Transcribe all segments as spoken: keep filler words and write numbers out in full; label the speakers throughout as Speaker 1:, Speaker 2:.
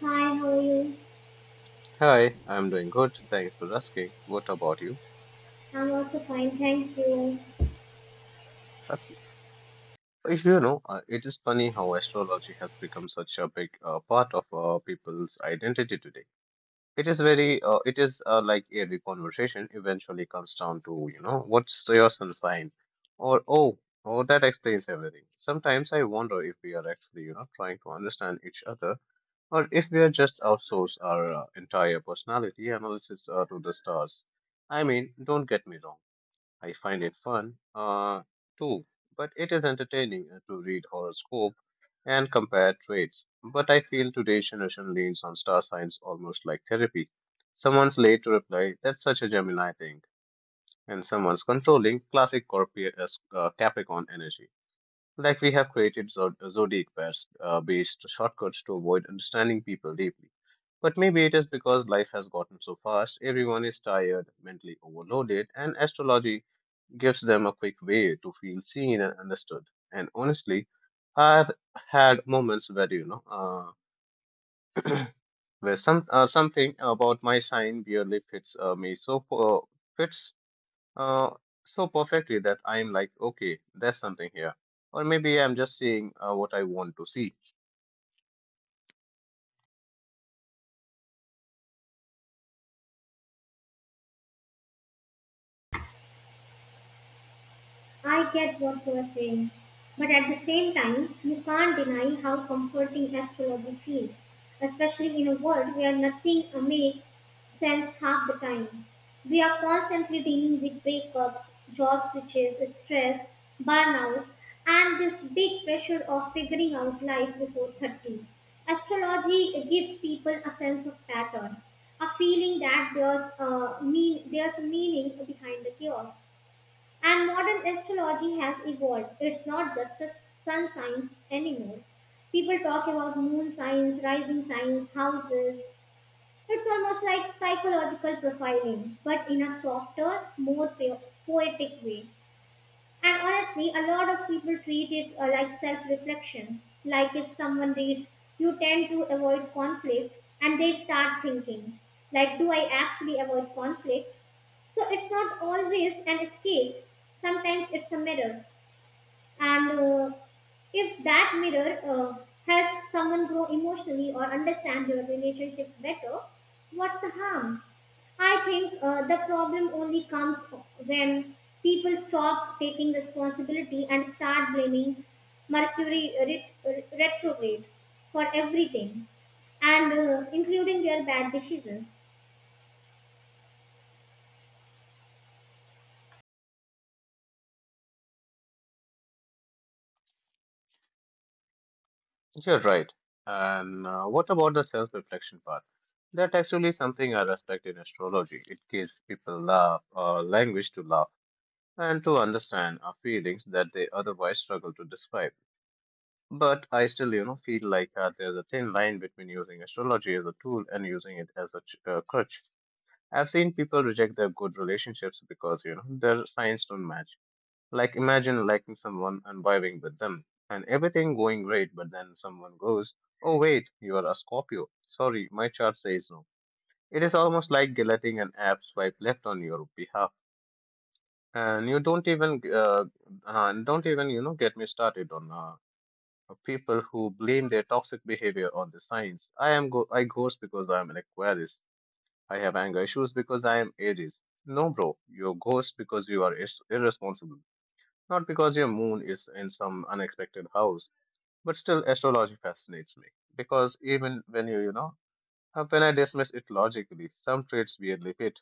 Speaker 1: Hi, how are you?
Speaker 2: Hi, I'm doing good. Thanks for asking. What about you?
Speaker 1: I'm also fine, thank you.
Speaker 2: That, if you know, uh, It is funny how astrology has become such a big uh, part of uh, people's identity today. It is very, uh, it is uh, Like every conversation eventually comes down to, you know, what's your sun sign? Or, oh, oh, that explains everything. Sometimes I wonder if we are actually, you know, trying to understand each other, or if we are just outsource our uh, entire personality analysis uh, to the stars. I mean, don't get me wrong. I find it fun, uh, too, but it is entertaining uh, to read horoscope and compare traits. But I feel today's generation leans on star signs almost like therapy. Someone's late to reply, that's such a Gemini thing, and someone's controlling, classic Scorpio, uh, Capricorn energy. Like we have created zod- uh, zodiac pairs uh, based shortcuts to avoid understanding people deeply. But maybe it is because life has gotten so fast, everyone is tired, mentally overloaded, and astrology gives them a quick way to feel seen and understood. And honestly, I've had moments where you know, uh, where some uh, something about my sign barely fits uh, me so uh, fits uh, so perfectly that I'm like, okay, there's something here, or maybe I'm just seeing uh, what I want to see.
Speaker 1: I get what you are saying, but at the same time, you can't deny how comforting astrology feels, especially in a world where nothing makes sense half the time. We are constantly dealing with breakups, job switches, stress, burnout, and this big pressure of figuring out life before thirty. Astrology gives people a sense of pattern, a feeling that there's a mean there's a meaning behind the chaos. And modern astrology has evolved. It's not just a sun signs anymore. People talk about moon signs, rising signs, houses. It's almost like psychological profiling, but in a softer, more po- poetic way. And honestly, a lot of people treat it uh, like self reflection. Like if someone reads, you tend to avoid conflict, and they start thinking, like, do I actually avoid conflict? So it's not always an escape. Sometimes it's a mirror, and uh, if that mirror uh, helps someone grow emotionally or understand their relationships better, what's the harm? I think uh, the problem only comes when people stop taking responsibility and start blaming Mercury ret- retrograde for everything, and uh, including their bad decisions.
Speaker 2: You're right. And uh, what about the self-reflection part? That's actually something I respect in astrology. It gives people laugh, uh, language to laugh and to understand our feelings that they otherwise struggle to describe. But I still, you know, feel like uh, there's a thin line between using astrology as a tool and using it as a ch- uh, crutch. I've seen people reject their good relationships because, you know, their signs don't match. Like imagine liking someone and vibing with them and everything going great, but then someone goes, "Oh, wait, you are a Scorpio. Sorry, my chart says no." It is almost like letting an app swipe left on your behalf, and you don't even uh, uh, don't even, you know, get me started on uh, people who blame their toxic behavior on the signs. I am go I ghost because I am an Aquarius. I have anger issues because I am Aries. No, bro, you ghost because you are is irresponsible, not because your moon is in some unexpected house. But still, astrology fascinates me because even when you you know uh, when I dismiss it logically, some traits weirdly fit,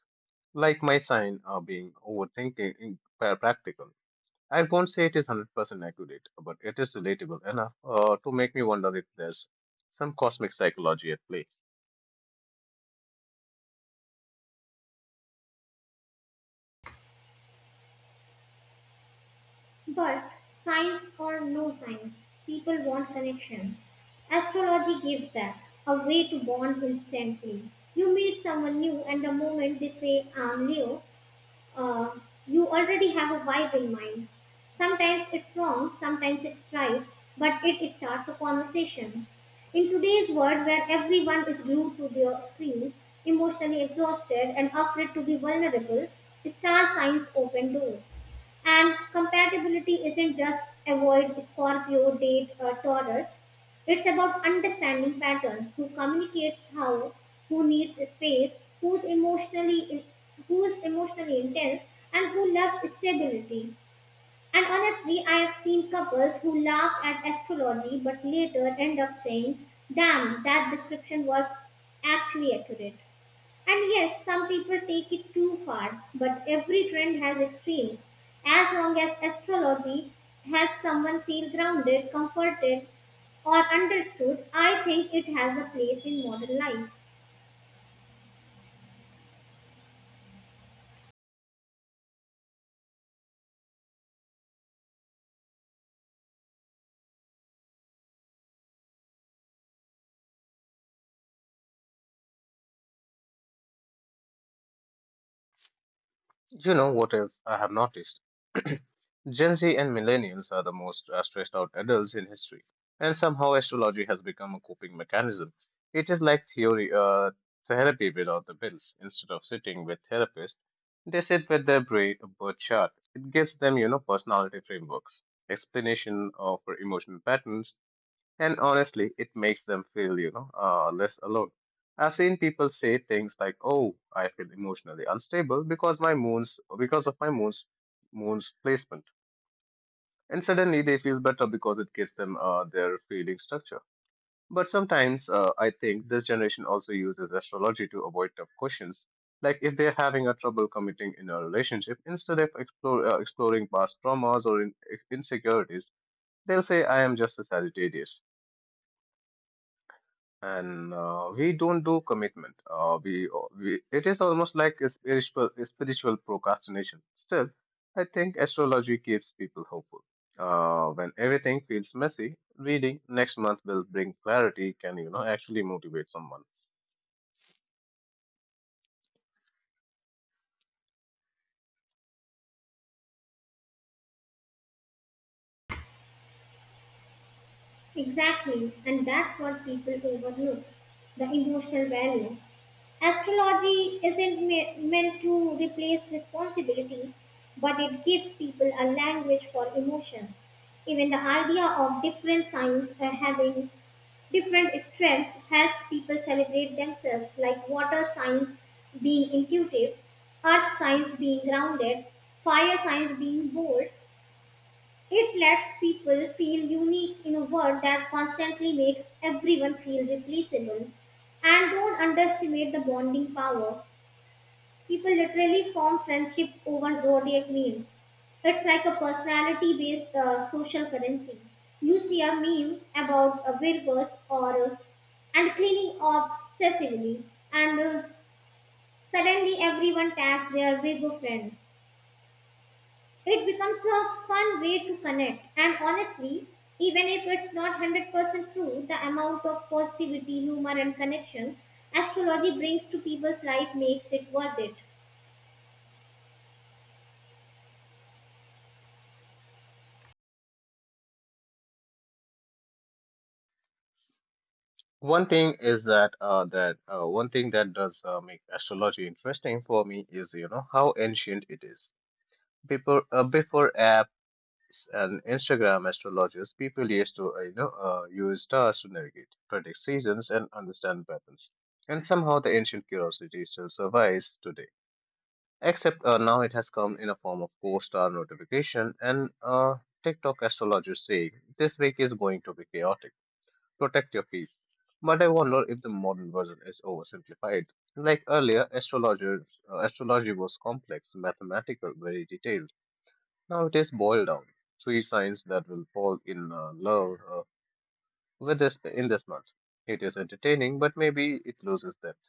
Speaker 2: like my sign uh, being overthinking, in- practical. I won't say it is one hundred percent accurate, but it is relatable enough uh, to make me wonder if there's some cosmic psychology at play.
Speaker 1: But science or no science, people want connection. Astrology gives that a way to bond instantly. You meet someone new, and the moment they say, I'm Leo, uh, you already have a vibe in mind. Sometimes it's wrong, sometimes it's right, but it starts a conversation. In today's world where everyone is glued to their screens, emotionally exhausted and afraid to be vulnerable, star signs open doors. And compatibility isn't just avoid Scorpio, date, or Taurus. It's about understanding patterns, who communicates how, who needs space, who's emotionally in, who's emotionally intense, and who loves stability. And honestly, I have seen couples who laugh at astrology but later end up saying, "Damn, that description was actually accurate." And yes, some people take it too far, but every trend has extremes. As long as astrology helps someone feel grounded, comforted, or understood, I think it has a place in modern life.
Speaker 2: You know what else I have noticed? Gen Z and millennials are the most uh, stressed out adults in history, and somehow astrology has become a coping mechanism. It is like theory, uh, therapy without the bills. Instead of sitting with therapists, they sit with their brain birth chart. It gives them, you know, personality frameworks, explanation of emotional patterns. And honestly, it makes them feel, you know, uh, less alone. I've seen people say things like, "Oh, I feel emotionally unstable because my moon's because of my moon's moon's placement," and suddenly they feel better because it gives them uh, their feeling structure. But sometimes uh, I think this generation also uses astrology to avoid tough questions, like if they're having a trouble committing in a relationship, instead of explore, uh, exploring past traumas or in, insecurities, they'll say, "I am just a Sagittarius." And uh, we don't do commitment. Uh, we, uh, we It is almost like a spiritual spiritual procrastination. Still, I think astrology keeps people hopeful. Uh, when everything feels messy, reading next month will bring clarity. Can, you know, actually motivate someone?
Speaker 1: Exactly, and that's what people overlook the emotional value. Astrology isn't me- meant to replace responsibility, but it gives people a language for emotion. Even the idea of different signs uh, having different strengths helps people celebrate themselves, like water signs being intuitive, earth signs being grounded, fire signs being bold. It lets people feel unique in a world that constantly makes everyone feel replaceable. And don't underestimate the bonding power. People literally form friendship over zodiac memes. It's like a personality based uh, social currency. You see a meme about a Virgos or uh, and cleaning obsessively, and uh, suddenly everyone tags their Virgo friends. It becomes a fun way to connect, and honestly, even if it's not one hundred percent true, the amount of positivity, humor, and connection astrology brings to people's life makes it worth it.
Speaker 2: One thing is that uh, that uh, one thing that does uh, make astrology interesting for me is, you know, how ancient it is. Before uh, before apps and Instagram astrologers, people used to, uh, you know uh, use stars to navigate, predict seasons, and understand patterns. And somehow the ancient curiosity still survives today, except uh, now it has come in a form of co-star notification and uh, TikTok astrologers saying this week is going to be chaotic. Protect your peace. But I wonder if the modern version is oversimplified. Like earlier, astrologer uh, astrology was complex, mathematical, very detailed. Now it is boiled down. Three signs that will fall in uh, love uh, with this in this month. It is entertaining, but maybe it loses depth.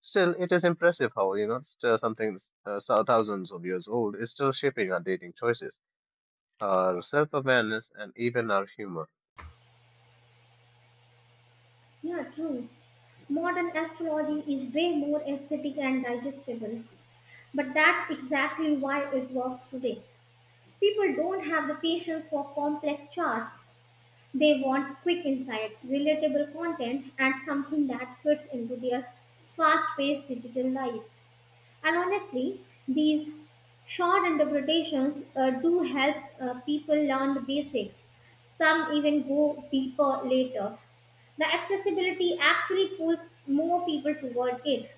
Speaker 2: Still, it is impressive how, you know, still something s- uh, so- thousands of years old is still shaping our dating choices, our self-awareness, and even our humor.
Speaker 1: Yeah, true. Modern astrology is way more aesthetic and digestible. But that's exactly why it works today. People don't have the patience for complex charts. They want quick insights, relatable content, and something that fits into their fast paced digital lives. And honestly, these short interpretations uh, do help uh, people learn the basics. Some even go deeper later the accessibility actually pulls more people toward it.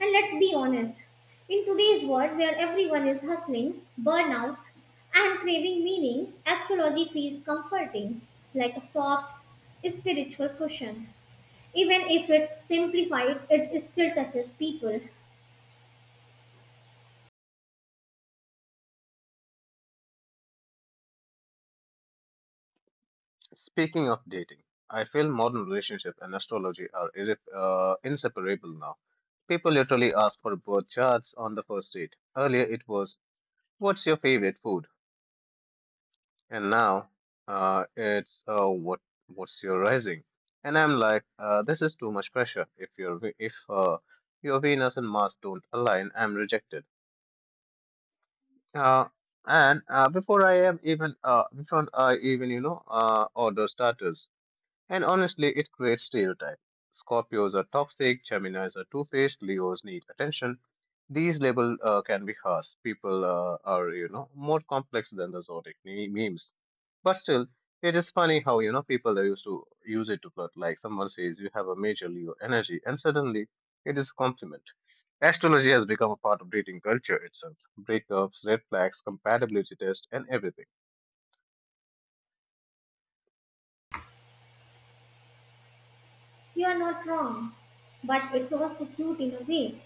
Speaker 1: And let's be honest, in today's world where everyone is hustling, burnout, and craving meaning, astrology feels comforting, like a soft spiritual cushion. Even if it's simplified, it still touches people.
Speaker 2: Speaking of dating, I feel modern relationship and astrology are irre- uh, inseparable now. People literally ask for birth charts on the first date. Earlier, it was, "What's your favorite food?" And now uh, it's uh, what what's your rising, and I'm like, uh, this is too much pressure. If your Ve- if uh, your Venus and Mars don't align, I'm rejected, uh, and uh, before I am even uh, before I even, you know, uh, order starters. And honestly, it creates stereotype. Scorpios are toxic, Geminis are two-faced, Leos need attention. These labels uh, can be harsh. People uh, are, you know, more complex than the zodiac me- memes. But still, it is funny how, you know, people are used to use it to flirt. Like someone says, you have a major Leo energy, and suddenly it is a compliment. Astrology has become a part of dating culture itself. Breakups, red flags, compatibility tests, and everything.
Speaker 1: You are not wrong, but it's also cute in a way.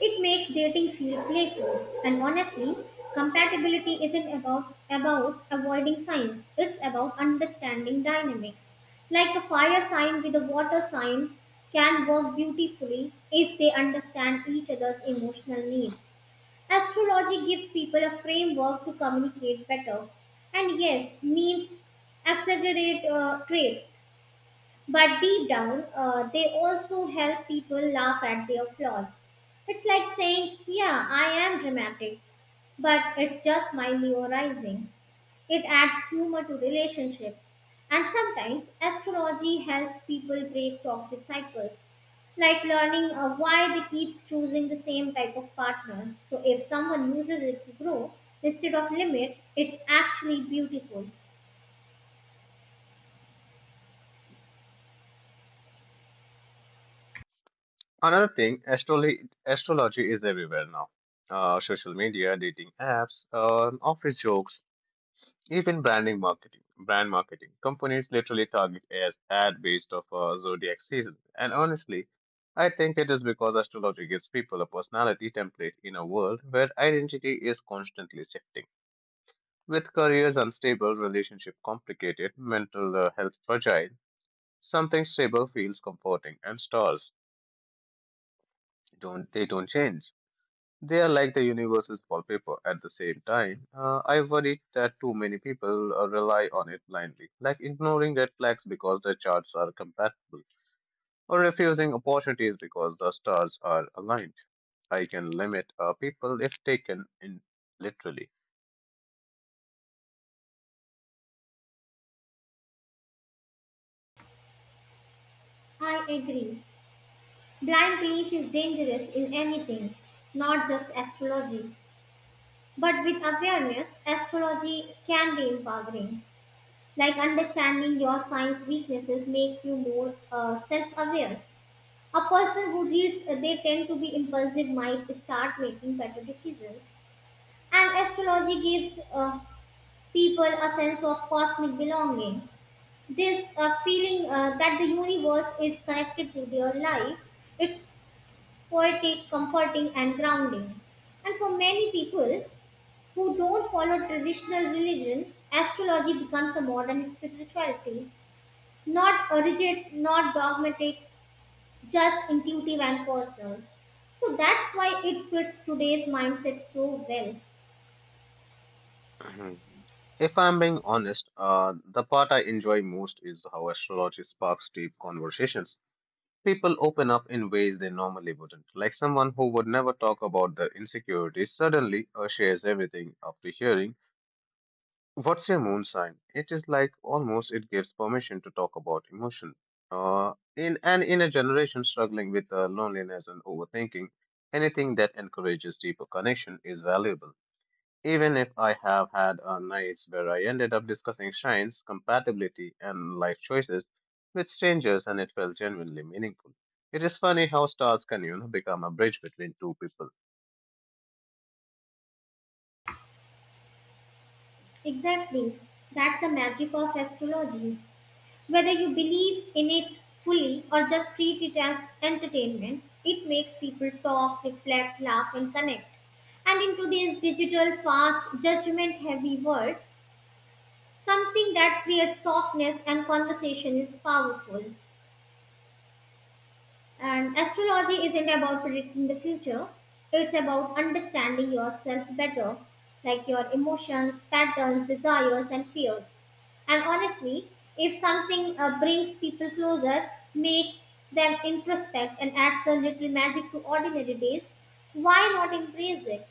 Speaker 1: It makes dating feel playful, and honestly, compatibility isn't about about avoiding signs. It's about understanding dynamics. Like a fire sign with a water sign can work beautifully if they understand each other's emotional needs. Astrology gives people a framework to communicate better. And yes, memes exaggerate uh, traits, but deep down, uh, they also help people laugh at their flaws. It's like saying, yeah, I am dramatic, but it's just my Leo rising. It adds humor to relationships. And sometimes astrology helps people break toxic cycles, like learning uh, why they keep choosing the same type of partner. So if someone uses it to grow instead of limit, it's actually beautiful.
Speaker 2: Another thing, astrology, astrology is everywhere now. Uh, social media, dating apps, uh, office jokes, even branding marketing. Brand marketing companies literally target as ad based off a zodiac season. And honestly, I think it is because astrology gives people a personality template in a world where identity is constantly shifting. With careers unstable, relationship complicated, mental uh, health fragile, something stable feels comforting, and stars don't they don't change. They are like the universe's wallpaper. At the same time, uh, I worry that too many people uh, rely on it blindly, like ignoring red flags because their charts are compatible, or refusing opportunities because the stars are aligned. I can limit uh, people if taken in literally.
Speaker 1: I agree. Blind belief is dangerous in anything, not just astrology. But with awareness, astrology can be empowering. Like understanding your sign's weaknesses makes you more uh, self aware. A person who reads uh, they tend to be impulsive might start making better decisions. And astrology gives uh, people a sense of cosmic belonging. This uh, feeling uh, that the universe is connected to their life it's poetic, comforting, and grounding. And for many people who don't follow traditional religion, astrology becomes a modern spirituality, not a rigid, not dogmatic, just intuitive and personal. So that's why it fits today's mindset so well.
Speaker 2: Mhm. If I'm being honest, uh, the part I enjoy most is how astrology sparks deep conversations. People open up in ways they normally wouldn't. Like someone who would never talk about their insecurities suddenly uh, shares everything after hearing, "What's your moon sign?" It is like almost it gives permission to talk about emotion. Uh, in and in a generation struggling with uh, loneliness and overthinking, anything that encourages deeper connection is valuable. Even if I have had a nights where I ended up discussing shrines, compatibility, and life choices with strangers, and it felt genuinely meaningful. It is funny how stars can, you know, become a bridge between two people.
Speaker 1: Exactly. That's the magic of astrology. Whether you believe in it fully or just treat it as entertainment, it makes people talk, reflect, laugh, and connect. And in today's digital, fast, judgment heavy world, something that creates softness and conversation is powerful. And astrology isn't about predicting the future, it's about understanding yourself better, like your emotions, patterns, desires, and fears. And honestly, if something uh, brings people closer, makes them introspect, and adds a little magic to ordinary days, why not embrace it?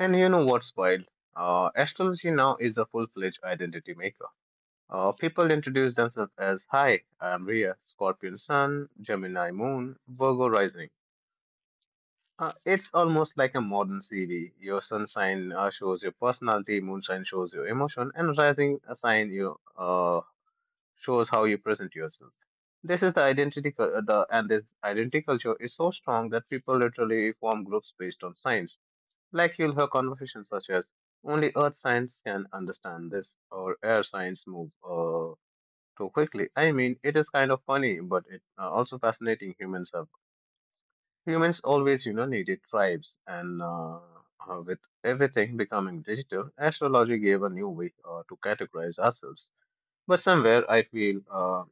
Speaker 2: And you know what's wild? Uh, astrology now is a full-fledged identity maker. Uh, people introduce themselves as, "Hi, I am Rhea, Scorpion Sun, Gemini Moon, Virgo Rising." Uh, it's almost like a modern C V. Your sun sign uh, shows your personality, moon sign shows your emotion, and rising sign you uh, shows how you present yourself. This is the identity, cul- uh, the and This identity culture is so strong that people literally form groups based on signs. Like you'll hear conversations such as "Only Earth signs can understand this," or "Air signs move uh, too quickly." I mean, it is kind of funny, but it uh, also fascinating. Humans have Humans always, you know, needed tribes, and uh, uh, with everything becoming digital, astrology gave a new way uh, to categorize ourselves. But somewhere, I feel uh,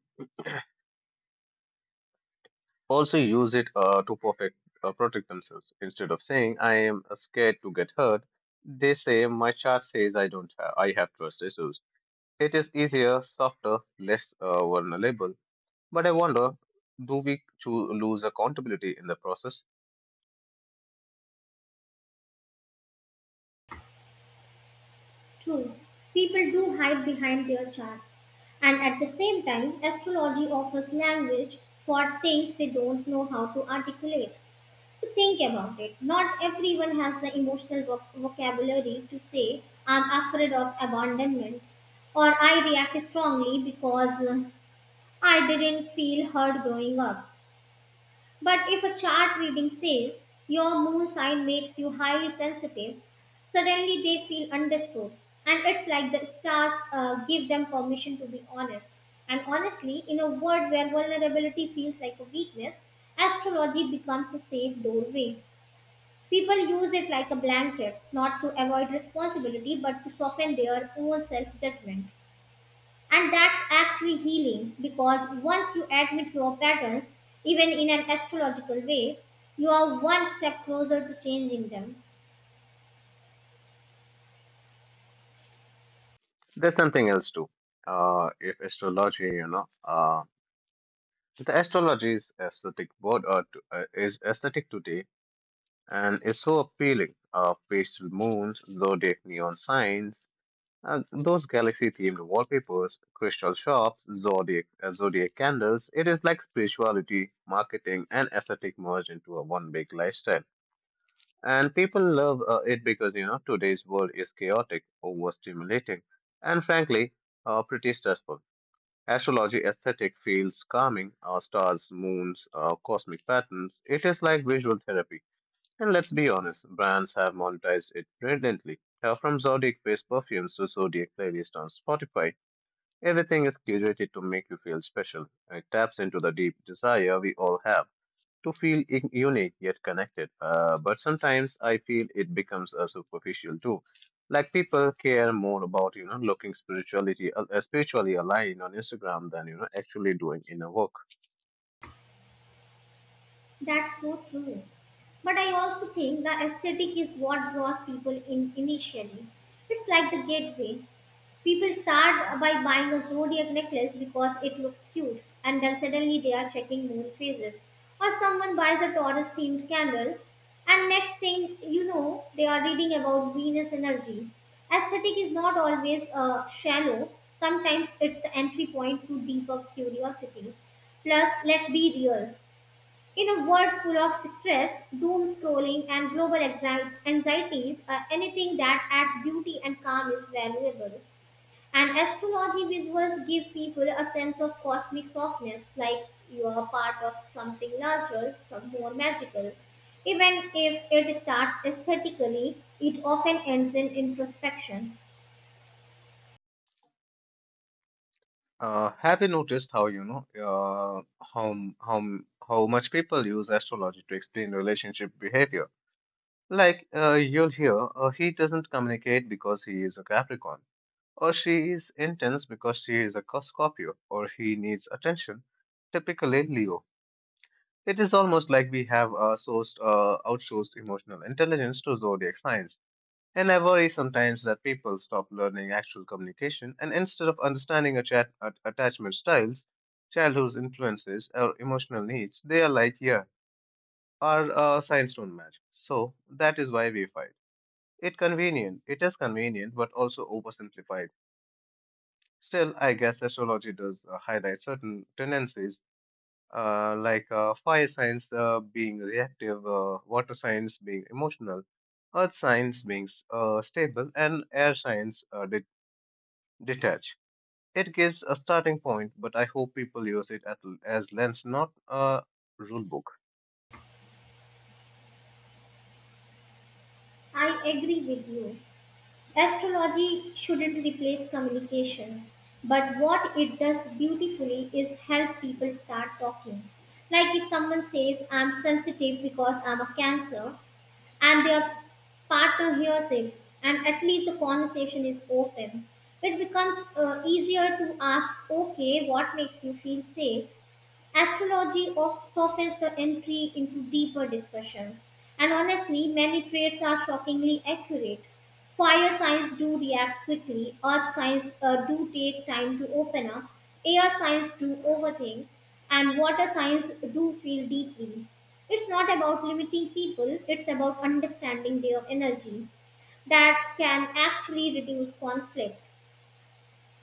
Speaker 2: also use it uh, to perfect, uh, protect themselves. Instead of saying I am uh, scared to get hurt, they say my chart says I don't. Have, I have trust issues. It is easier, softer, less uh, vulnerable. But I wonder, do we choo- lose accountability in the process?
Speaker 1: True, people do hide behind their charts. And at the same time, astrology offers language for things they don't know how to articulate. Think about it. Not everyone has the emotional voc- vocabulary to say, I'm afraid of abandonment, or I react strongly because uh, I didn't feel heard growing up. But if a chart reading says your moon sign makes you highly sensitive, suddenly they feel understood. And it's like the stars uh, give them permission to be honest. And honestly, in a world where vulnerability feels like a weakness, astrology becomes a safe doorway. People use it like a blanket, not to avoid responsibility but to soften their own self judgment. And that's actually healing because once you admit your patterns, even in an astrological way, you are one step closer to changing them.
Speaker 2: There's something else too. Uh, if astrology, you know, uh, the astrology is aesthetic word uh, to, uh, is aesthetic today, and it's so appealing. Uh, pastel moons, zodiac neon signs, uh, those galaxy-themed wallpapers, crystal shops, zodiac uh, zodiac candles. It is like spirituality, marketing, and aesthetic merged into a one big lifestyle. And people love uh, it because, you know, today's world is chaotic, overstimulating, and frankly, uh, pretty stressful. Astrology aesthetic feels calming, uh, stars, moons, uh, cosmic patterns. It is like visual therapy. And let's be honest, brands have monetized it brilliantly. Uh, from zodiac based perfumes to zodiac playlists on Spotify, everything is curated to make you feel special. It taps into the deep desire we all have to feel in- unique yet connected. Uh, but sometimes I feel it becomes a superficial too. Like people care more about you know looking spirituality uh, uh, spiritually aligned on Instagram than you know actually doing inner work.
Speaker 1: That's so true. But I also think the aesthetic is what draws people in initially. It's like the gateway. People start by buying a zodiac necklace because it looks cute, and then suddenly they are checking moon phases. Or someone buys a Taurus themed candle, and next thing you know, they are reading about Venus energy. Aesthetic is not always uh, shallow, sometimes it's the entry point to deeper curiosity. Plus, let's be real. In a world full of stress, doom scrolling, and global anxi- anxieties, uh, anything that adds beauty and calm is valuable. And astrology visuals give people a sense of cosmic softness, like you are a part of something larger, some more magical. Even if it starts aesthetically, it often ends in introspection.
Speaker 2: Uh, have you noticed how you know uh, how how how much people use astrology to explain relationship behavior? Like uh, you'll hear, uh, he doesn't communicate because he is a Capricorn, or she is intense because she is a Scorpio, or he needs attention, typically Leo. It is almost like we have uh, sourced, uh, outsourced emotional intelligence to zodiac signs. And I worry sometimes that people stop learning actual communication, and instead of understanding atta- at- attachment styles, childhood influences, or emotional needs, they are like, yeah, our uh, signs don't match. So that is why we fight. It convenient. It is convenient, but also oversimplified. Still, I guess astrology does uh, highlight certain tendencies, uh, like uh, fire signs uh, being reactive, uh, water signs being emotional, earth signs being uh, stable, and air signs uh, de- detach. It gives a starting point, but I hope people use it at, as lens, not a rule book.
Speaker 1: I agree with you. Astrology shouldn't replace communication, but what it does beautifully is help people start talking. Like if someone says, I'm sensitive because I'm a cancer, and their partner hears it, and at least the conversation is open. It becomes uh, easier to ask, okay, what makes you feel safe? Astrology of- softens the entry into deeper discussions. And honestly, many traits are shockingly accurate. Fire signs do react quickly, earth signs uh, do take time to open up, air signs do overthink, and water signs do feel deeply. It's not about limiting people, it's about understanding their energy that can actually reduce conflict.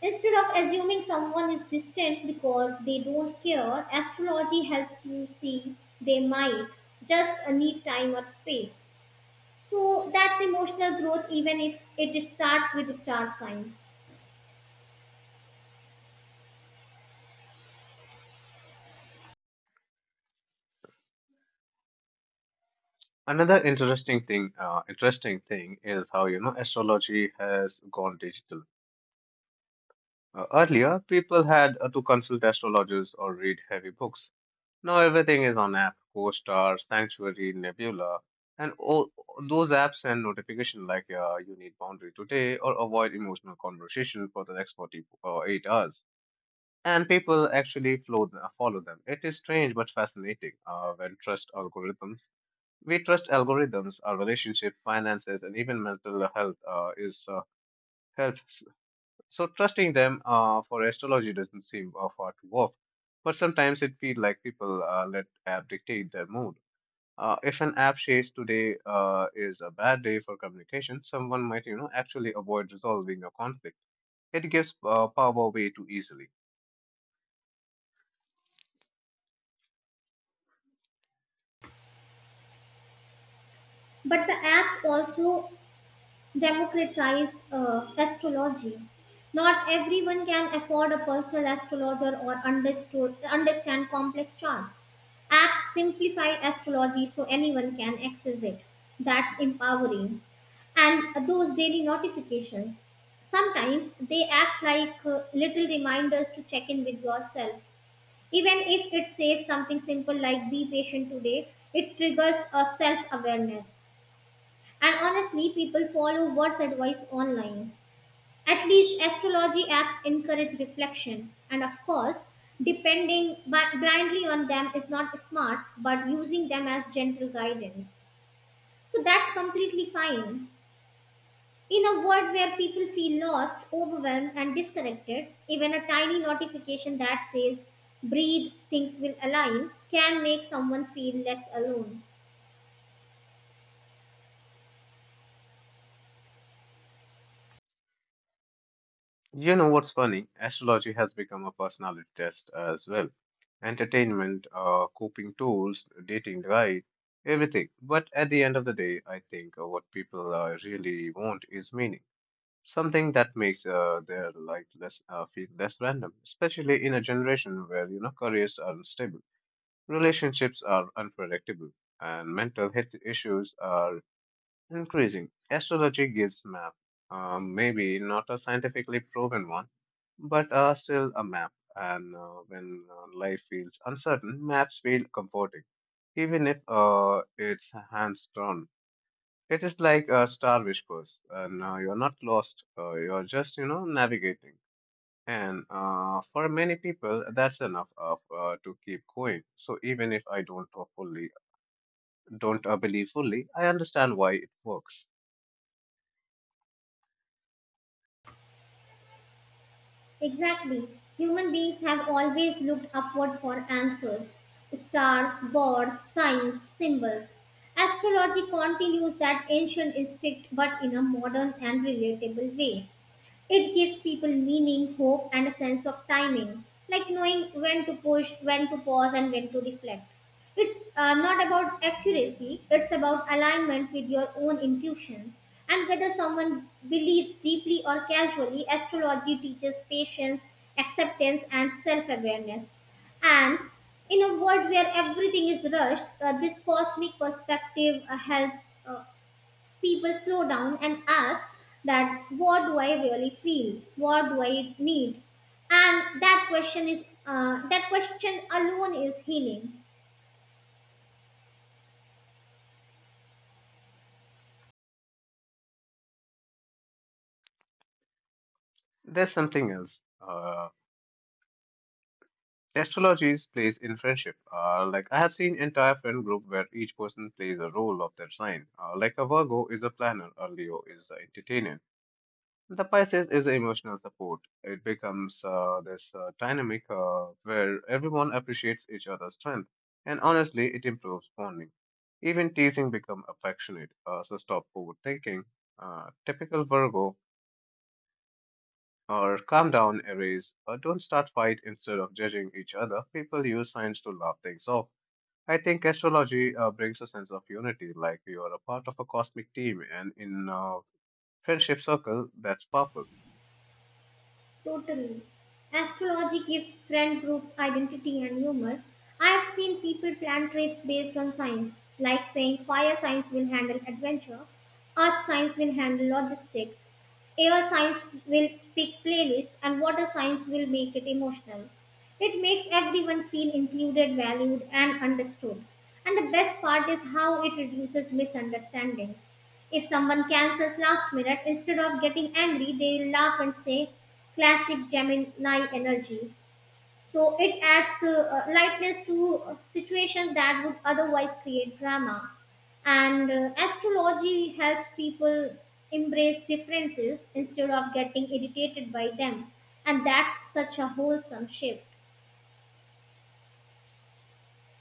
Speaker 1: Instead of assuming someone is distant because they don't care, astrology helps you see they might just need time or space. So that's emotional growth, even if it starts with star signs.
Speaker 2: Another interesting thing, uh, interesting thing is how you know astrology has gone digital. Uh, earlier, people had uh, to consult astrologers or read heavy books. Now everything is on app: CoStar, Sanctuary, Nebula, and all those apps send notification like uh, you need boundary today or avoid emotional conversation for the next forty or eight hours. And people actually flow, follow them. It is strange but fascinating uh, when trust algorithms. We trust algorithms, our relationship, finances, and even mental health uh, is uh, health. So trusting them uh, for astrology doesn't seem uh, far to off, but sometimes it feels like people uh, let app dictate their mood. Uh, if an app says today uh, is a bad day for communication, someone might you know actually avoid resolving a conflict. It gives uh, power away too easily.
Speaker 1: But the apps also democratize uh, astrology. Not everyone can afford a personal astrologer or understood, understand complex charts. Apps simplify astrology so anyone can access it. That's empowering. And those daily notifications, sometimes they act like uh, little reminders to check in with yourself. Even if it says something simple like be patient today, it triggers a self awareness. And honestly, people follow what's advice online. At least astrology apps encourage reflection. And of course, depending bi- blindly on them is not smart, but using them as gentle guidance. So that's completely fine. In a world where people feel lost, overwhelmed, and disconnected, even a tiny notification that says, breathe, things will align, can make someone feel less alone.
Speaker 2: You know what's funny? Astrology has become a personality test as well. Entertainment, uh, coping tools, dating guide, everything. But at the end of the day, I think uh, what people uh, really want is meaning. Something that makes uh, their life less uh, feel less random, especially in a generation where you know careers are unstable, relationships are unpredictable, and mental health issues are increasing. Astrology gives map, um, maybe not a scientifically proven one, but uh, still a map. And uh, when uh, life feels uncertain, maps feel comforting, even if uh, it's hands-drawn. It is like uh, Star Whispers. Uh, now you're not lost. Uh, you're just, you know, navigating. And uh, for many people, that's enough of, uh, to keep going. So even if I don't uh, fully, don't uh, believe fully, I understand why it works.
Speaker 1: Exactly. Human beings have always looked upward for answers. Stars, gods, signs, symbols. Astrology continues that ancient instinct but in a modern and relatable way. It gives people meaning, hope, and a sense of timing, like knowing when to push, when to pause, and when to reflect. It's uh, not about accuracy, it's about alignment with your own intuition. And whether someone believes deeply or casually, astrology teaches patience, acceptance, and self awareness. And in a world where everything is rushed, uh, this cosmic perspective uh, helps. Uh, people slow down and ask that, what do I really feel, what do I need, and that question is uh, that question alone is healing.
Speaker 2: There's something else. Uh, astrologies plays in friendship. Uh, like I have seen entire friend group where each person plays a role of their sign. Uh, like a Virgo is a planner, a Leo is the entertainer, the Pisces is emotional support. It becomes uh, this uh, dynamic uh, where everyone appreciates each other's strength, and honestly, it improves bonding. Even teasing become affectionate, uh, so stop overthinking. Uh, typical Virgo, or calm down, erase, or don't start fight instead of judging each other. People use signs to laugh things off. I think astrology uh, brings a sense of unity, like you are a part of a cosmic team, and in uh, friendship circle, that's powerful.
Speaker 1: Totally. Astrology gives friend groups identity and humor. I have seen people plan trips based on signs, like saying fire signs will handle adventure, earth signs will handle logistics, air signs will pick playlist, and water signs will make it emotional. It makes everyone feel included, valued, and understood. And the best part is how it reduces misunderstandings. If someone cancels last minute, instead of getting angry, they will laugh and say, classic Gemini energy. So it adds uh, uh, lightness to uh, situations that would otherwise create drama. And uh, astrology helps people embrace differences instead of getting irritated by them. And that's such a wholesome shift.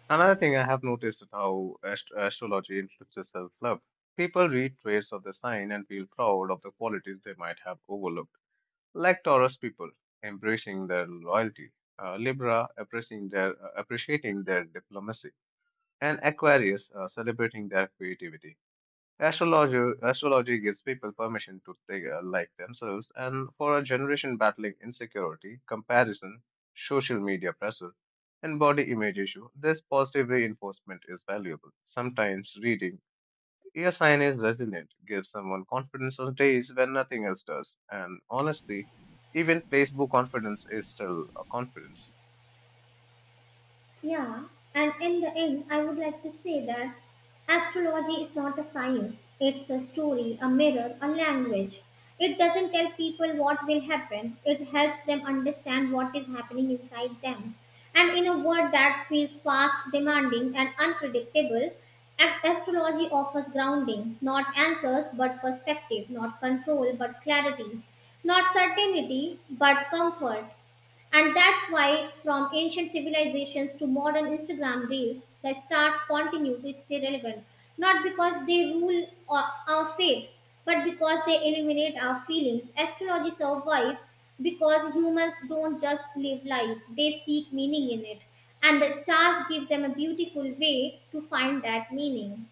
Speaker 2: Another thing I have noticed is how ast- astrology influences self love. People read traits of the sign and feel proud of the qualities they might have overlooked, like Taurus people embracing their loyalty, uh, Libra appreciating their, uh, appreciating their diplomacy, and Aquarius uh, celebrating their creativity. Astrology, astrology gives people permission to take a like themselves, and for a generation battling insecurity, comparison, social media pressure, and body image issue, this positive reinforcement is valuable. Sometimes reading a sign is resilient, gives someone confidence on days when nothing else does, and honestly, even placebo confidence is still a confidence.
Speaker 1: Yeah, and in the end, I would like to say that astrology is not a science, it's a story, a mirror, a language. It doesn't tell people what will happen, it helps them understand what is happening inside them. And in a world that feels fast, demanding, and unpredictable, ast- astrology offers grounding, not answers but perspective, not control but clarity, not certainty but comfort. And that's why, from ancient civilizations to modern Instagram reels, the stars continue to stay relevant. Not because they rule our our fate, but because they illuminate our feelings. Astrology survives because humans don't just live life, they seek meaning in it. And the stars give them a beautiful way to find that meaning.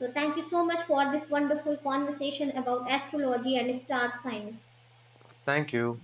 Speaker 1: So, thank you so much for this wonderful conversation about astrology and star signs.
Speaker 2: Thank you.